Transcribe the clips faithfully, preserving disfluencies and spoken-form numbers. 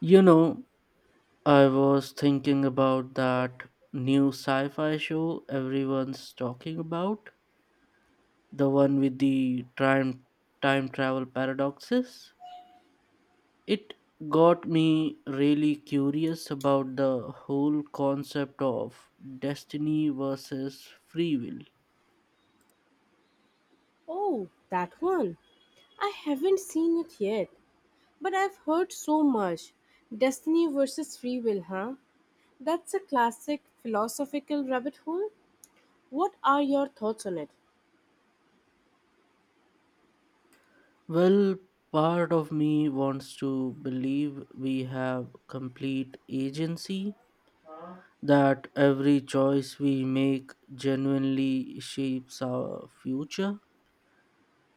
You know, I was thinking about that new sci fi show everyone's talking about, the one with the time, time travel paradoxes. It got me really curious about the whole concept of destiny versus free will. Oh, that one. I haven't seen it yet, but I've heard so much. Destiny versus free will, huh? That's a classic philosophical rabbit hole. What are your thoughts on it? Well, part of me wants to believe we have complete agency that every choice we make genuinely shapes our future.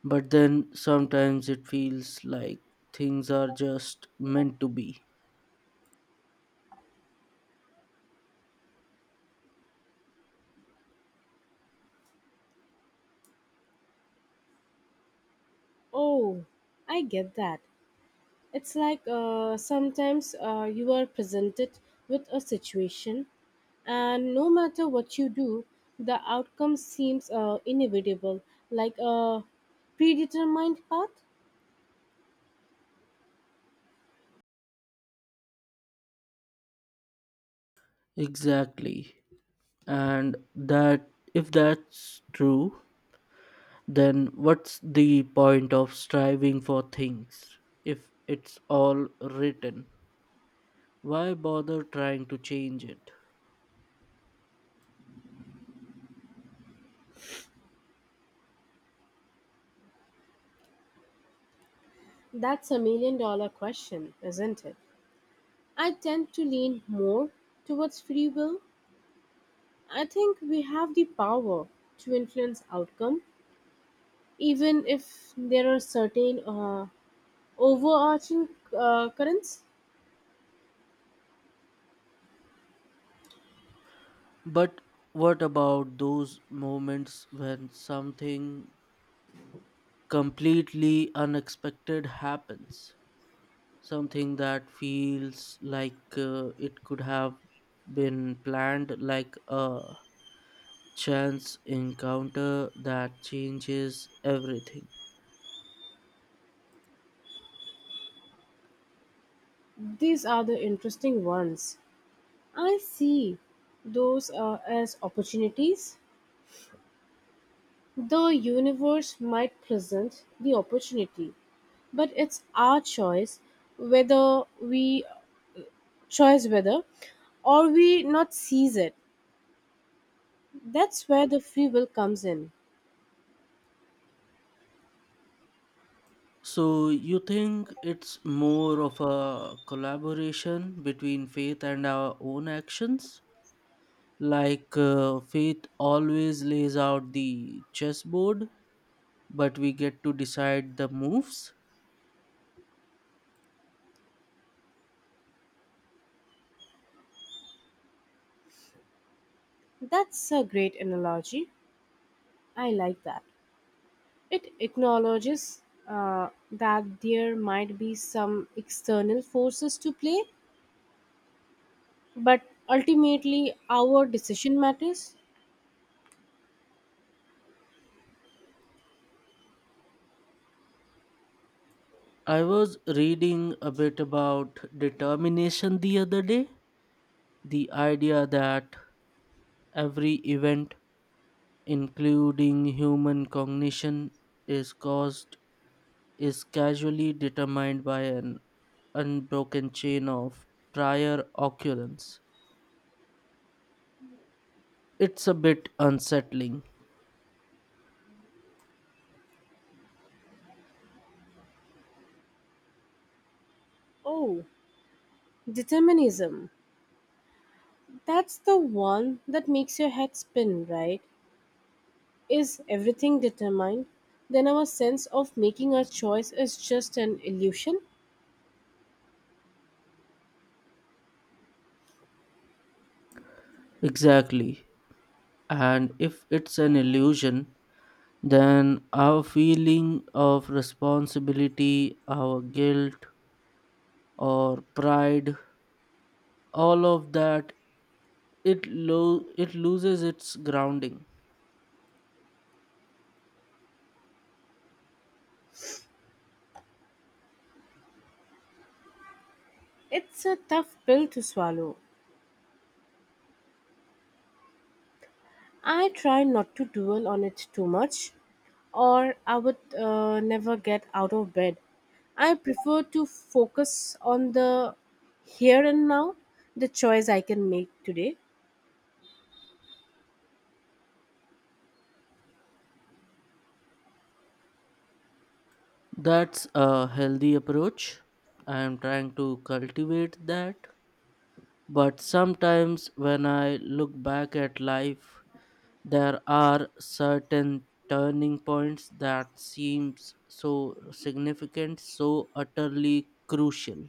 But then sometimes it feels like things are just meant to be. Oh, I get that. It's like uh, sometimes uh, you are presented with a situation, and no matter what you do, the outcome seems uh, inevitable, like a predetermined path. Exactly. And that if that's true, then what's the point of striving for things if it's all written? Why bother trying to change it? That's a million dollar question, isn't it? I tend to lean more towards free will. I think we have the power to influence outcome, even if there are certain uh, overarching uh, currents. But what about those moments when something completely unexpected happens something that feels like uh, it could have been planned like a chance encounter that changes everything. These are the interesting ones. I see those uh, as opportunities. The universe might present the opportunity, but it's our choice whether we choice whether or we not seize it. That's where the free will comes in. So you think it's more of a collaboration between faith and our own actions like uh, faith always lays out the chessboard, but we get to decide the moves. That's a great analogy. I like that. It acknowledges uh, that there might be some external forces to play, but ultimately our decision matters. I was reading a bit about determination the other day, the idea that every event, including human cognition, is caused is casually determined by an unbroken chain of prior occurrence. It's a bit unsettling. Oh, determinism. That's the one that makes your head spin, right? Is everything determined? Then our sense of making a choice is just an illusion? Exactly. And if it's an illusion, then our feeling of responsibility, our guilt, or pride, all of that, it lo- it loses its grounding. It's a tough pill to swallow. I try not to dwell on it too much, or I would uh, never get out of bed. I prefer to focus on the here and now, the choice I can make today. That's a healthy approach. I am trying to cultivate that, but sometimes when I look back at life there are certain turning points that seems so significant, so utterly crucial.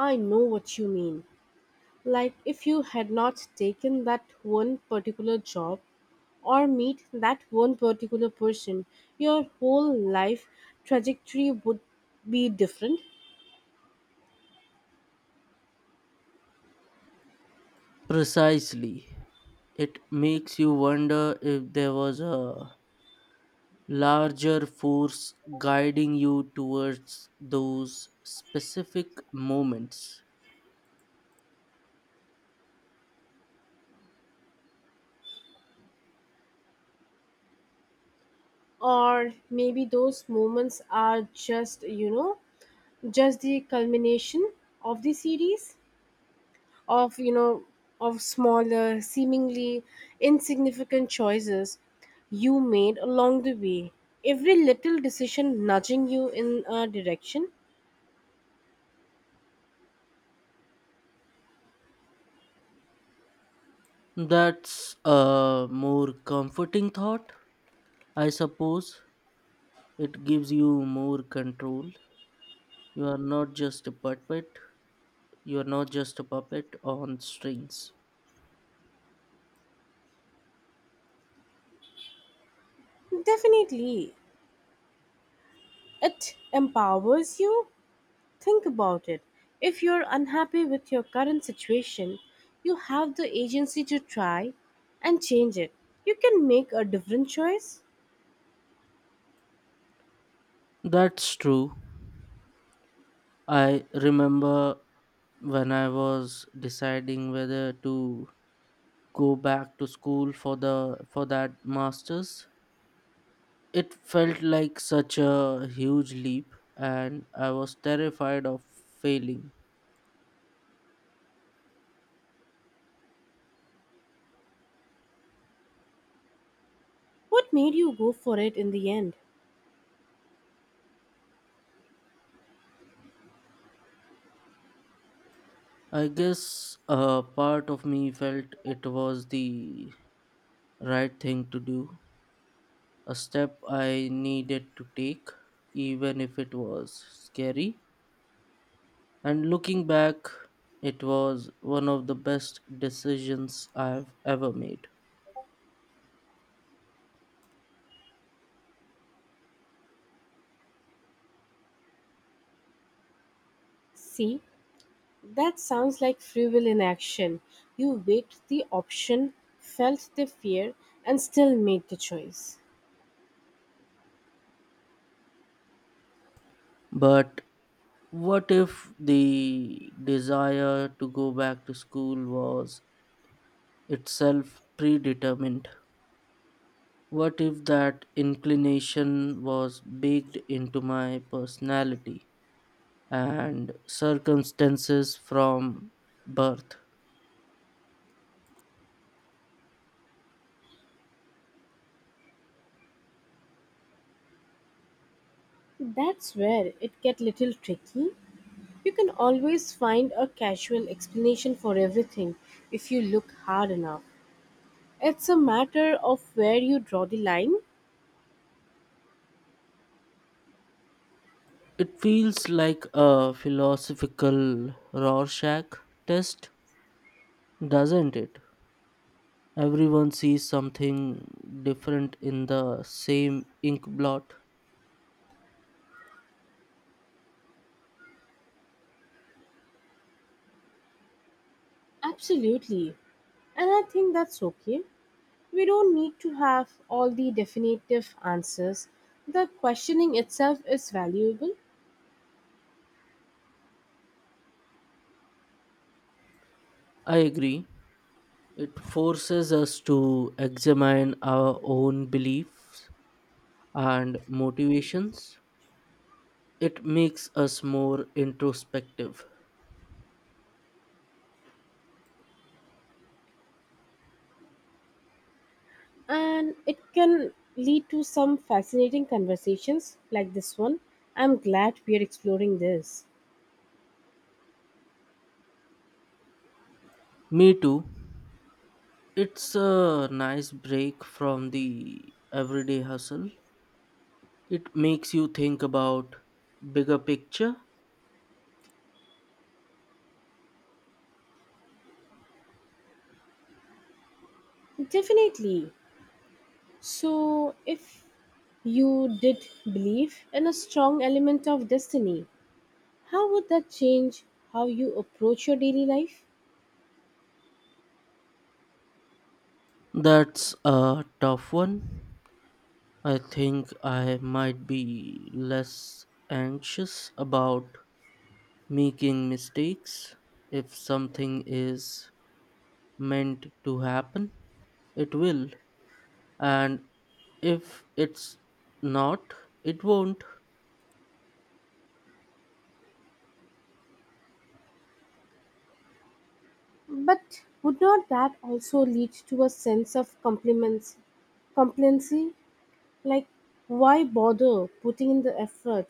I know what you mean. Like if you had not taken that one particular job or meet that one particular person, your whole life trajectory would be different. Precisely. It makes you wonder if there was a larger force guiding you towards those specific moments. Or maybe those moments are just you know just the culmination of the series of you know of smaller, seemingly insignificant choices you made along the way, every little decision nudging you in a direction. That's a more comforting thought, I suppose. It gives you more control. You are not just a puppet, you are not just a puppet on strings. Definitely, it empowers you. Think about it. If you're unhappy with your current situation, you have the agency to try and change it. You can make a different choice. That's true. I remember when I was deciding whether to go back to school for the for that masters. It felt like such a huge leap, and I was terrified of failing. What made you go for it in the end? I guess a part of me felt it was the right thing to do, a step I needed to take, even if it was scary. And looking back, it was one of the best decisions I've ever made. See, that sounds like free will in action. You weighed the option, felt the fear, and still made the choice. But what if the desire to go back to school was itself predetermined. What if that inclination was baked into my personality and circumstances from birth? That's where it get little tricky. You can always find a casual explanation for everything if you look hard enough. It's a matter of where you draw the line. It feels like a philosophical Rorschach test, doesn't it? Everyone sees something different in the same ink blot. Absolutely. And I think that's okay. We don't need to have all the definitive answers. The questioning itself is valuable, I agree. It forces us to examine our own beliefs and motivations. It makes us more introspective. and it can lead to some fascinating conversations like this one. I'm glad we are exploring this. Me too. It's a nice break from the everyday hustle. It makes you think about bigger picture. Definitely. So, if you did believe in a strong element of destiny, how would that change how you approach your daily life? That's a tough one. I think I might be less anxious about making mistakes. If something is meant to happen, it will. And if it's not, it won't. But would not that also lead to a sense of compliments, complacency? Like, why bother putting in the effort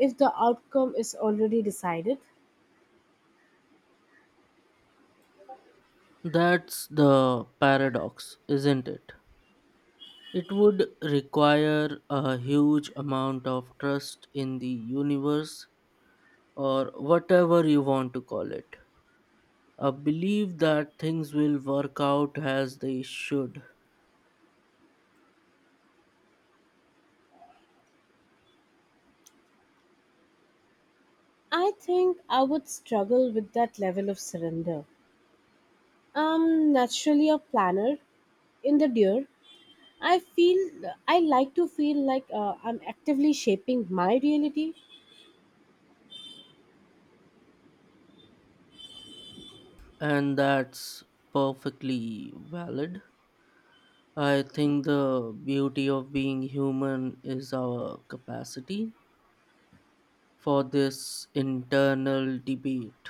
if the outcome is already decided? That's the paradox, isn't it? It would require a huge amount of trust in the universe or whatever you want to call it. A belief that things will work out as they should, I think I would struggle with that level of surrender. I'm naturally a planner in the deer. I feel I like to feel like uh, I'm actively shaping my reality. and that's perfectly valid. I think the beauty of being human is our capacity for this internal debate.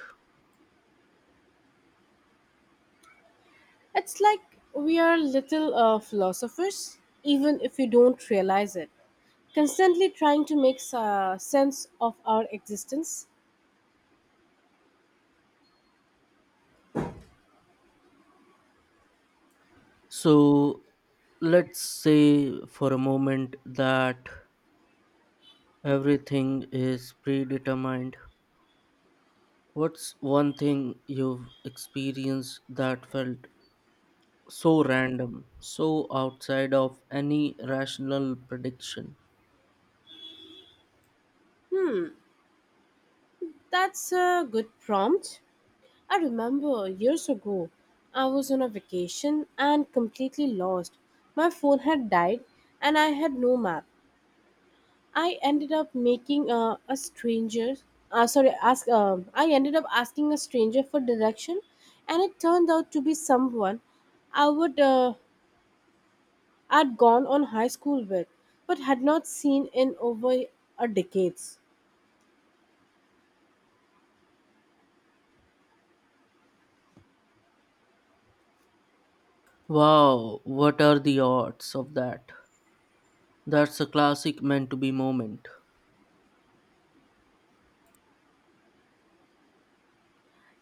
It's like we are little uh, philosophers, even if we don't realize it, constantly trying to make uh, sense of our existence. So let's say for a moment that everything is predetermined. What's one thing you've experienced that felt so random, so outside of any rational prediction? That's a good prompt. I remember years ago, I was on a vacation and completely lost. My phone had died and I had no map. I ended up making uh, a stranger, uh, sorry, ask. Um, I ended up asking a stranger for direction, and it turned out to be someone I would uh, I'd gone on high school with, but had not seen in over a decades. Wow, what are the odds of that? That's a classic meant to be moment.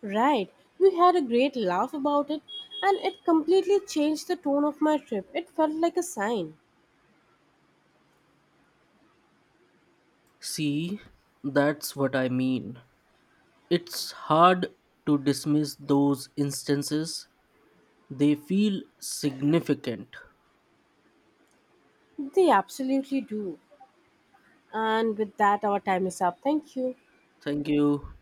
Right, we had a great laugh about it, and it completely changed the tone of my trip. It felt like a sign. See, that's what I mean. It's hard to dismiss those instances, they feel significant. They absolutely do. And with that, our time is up. Thank you. Thank you.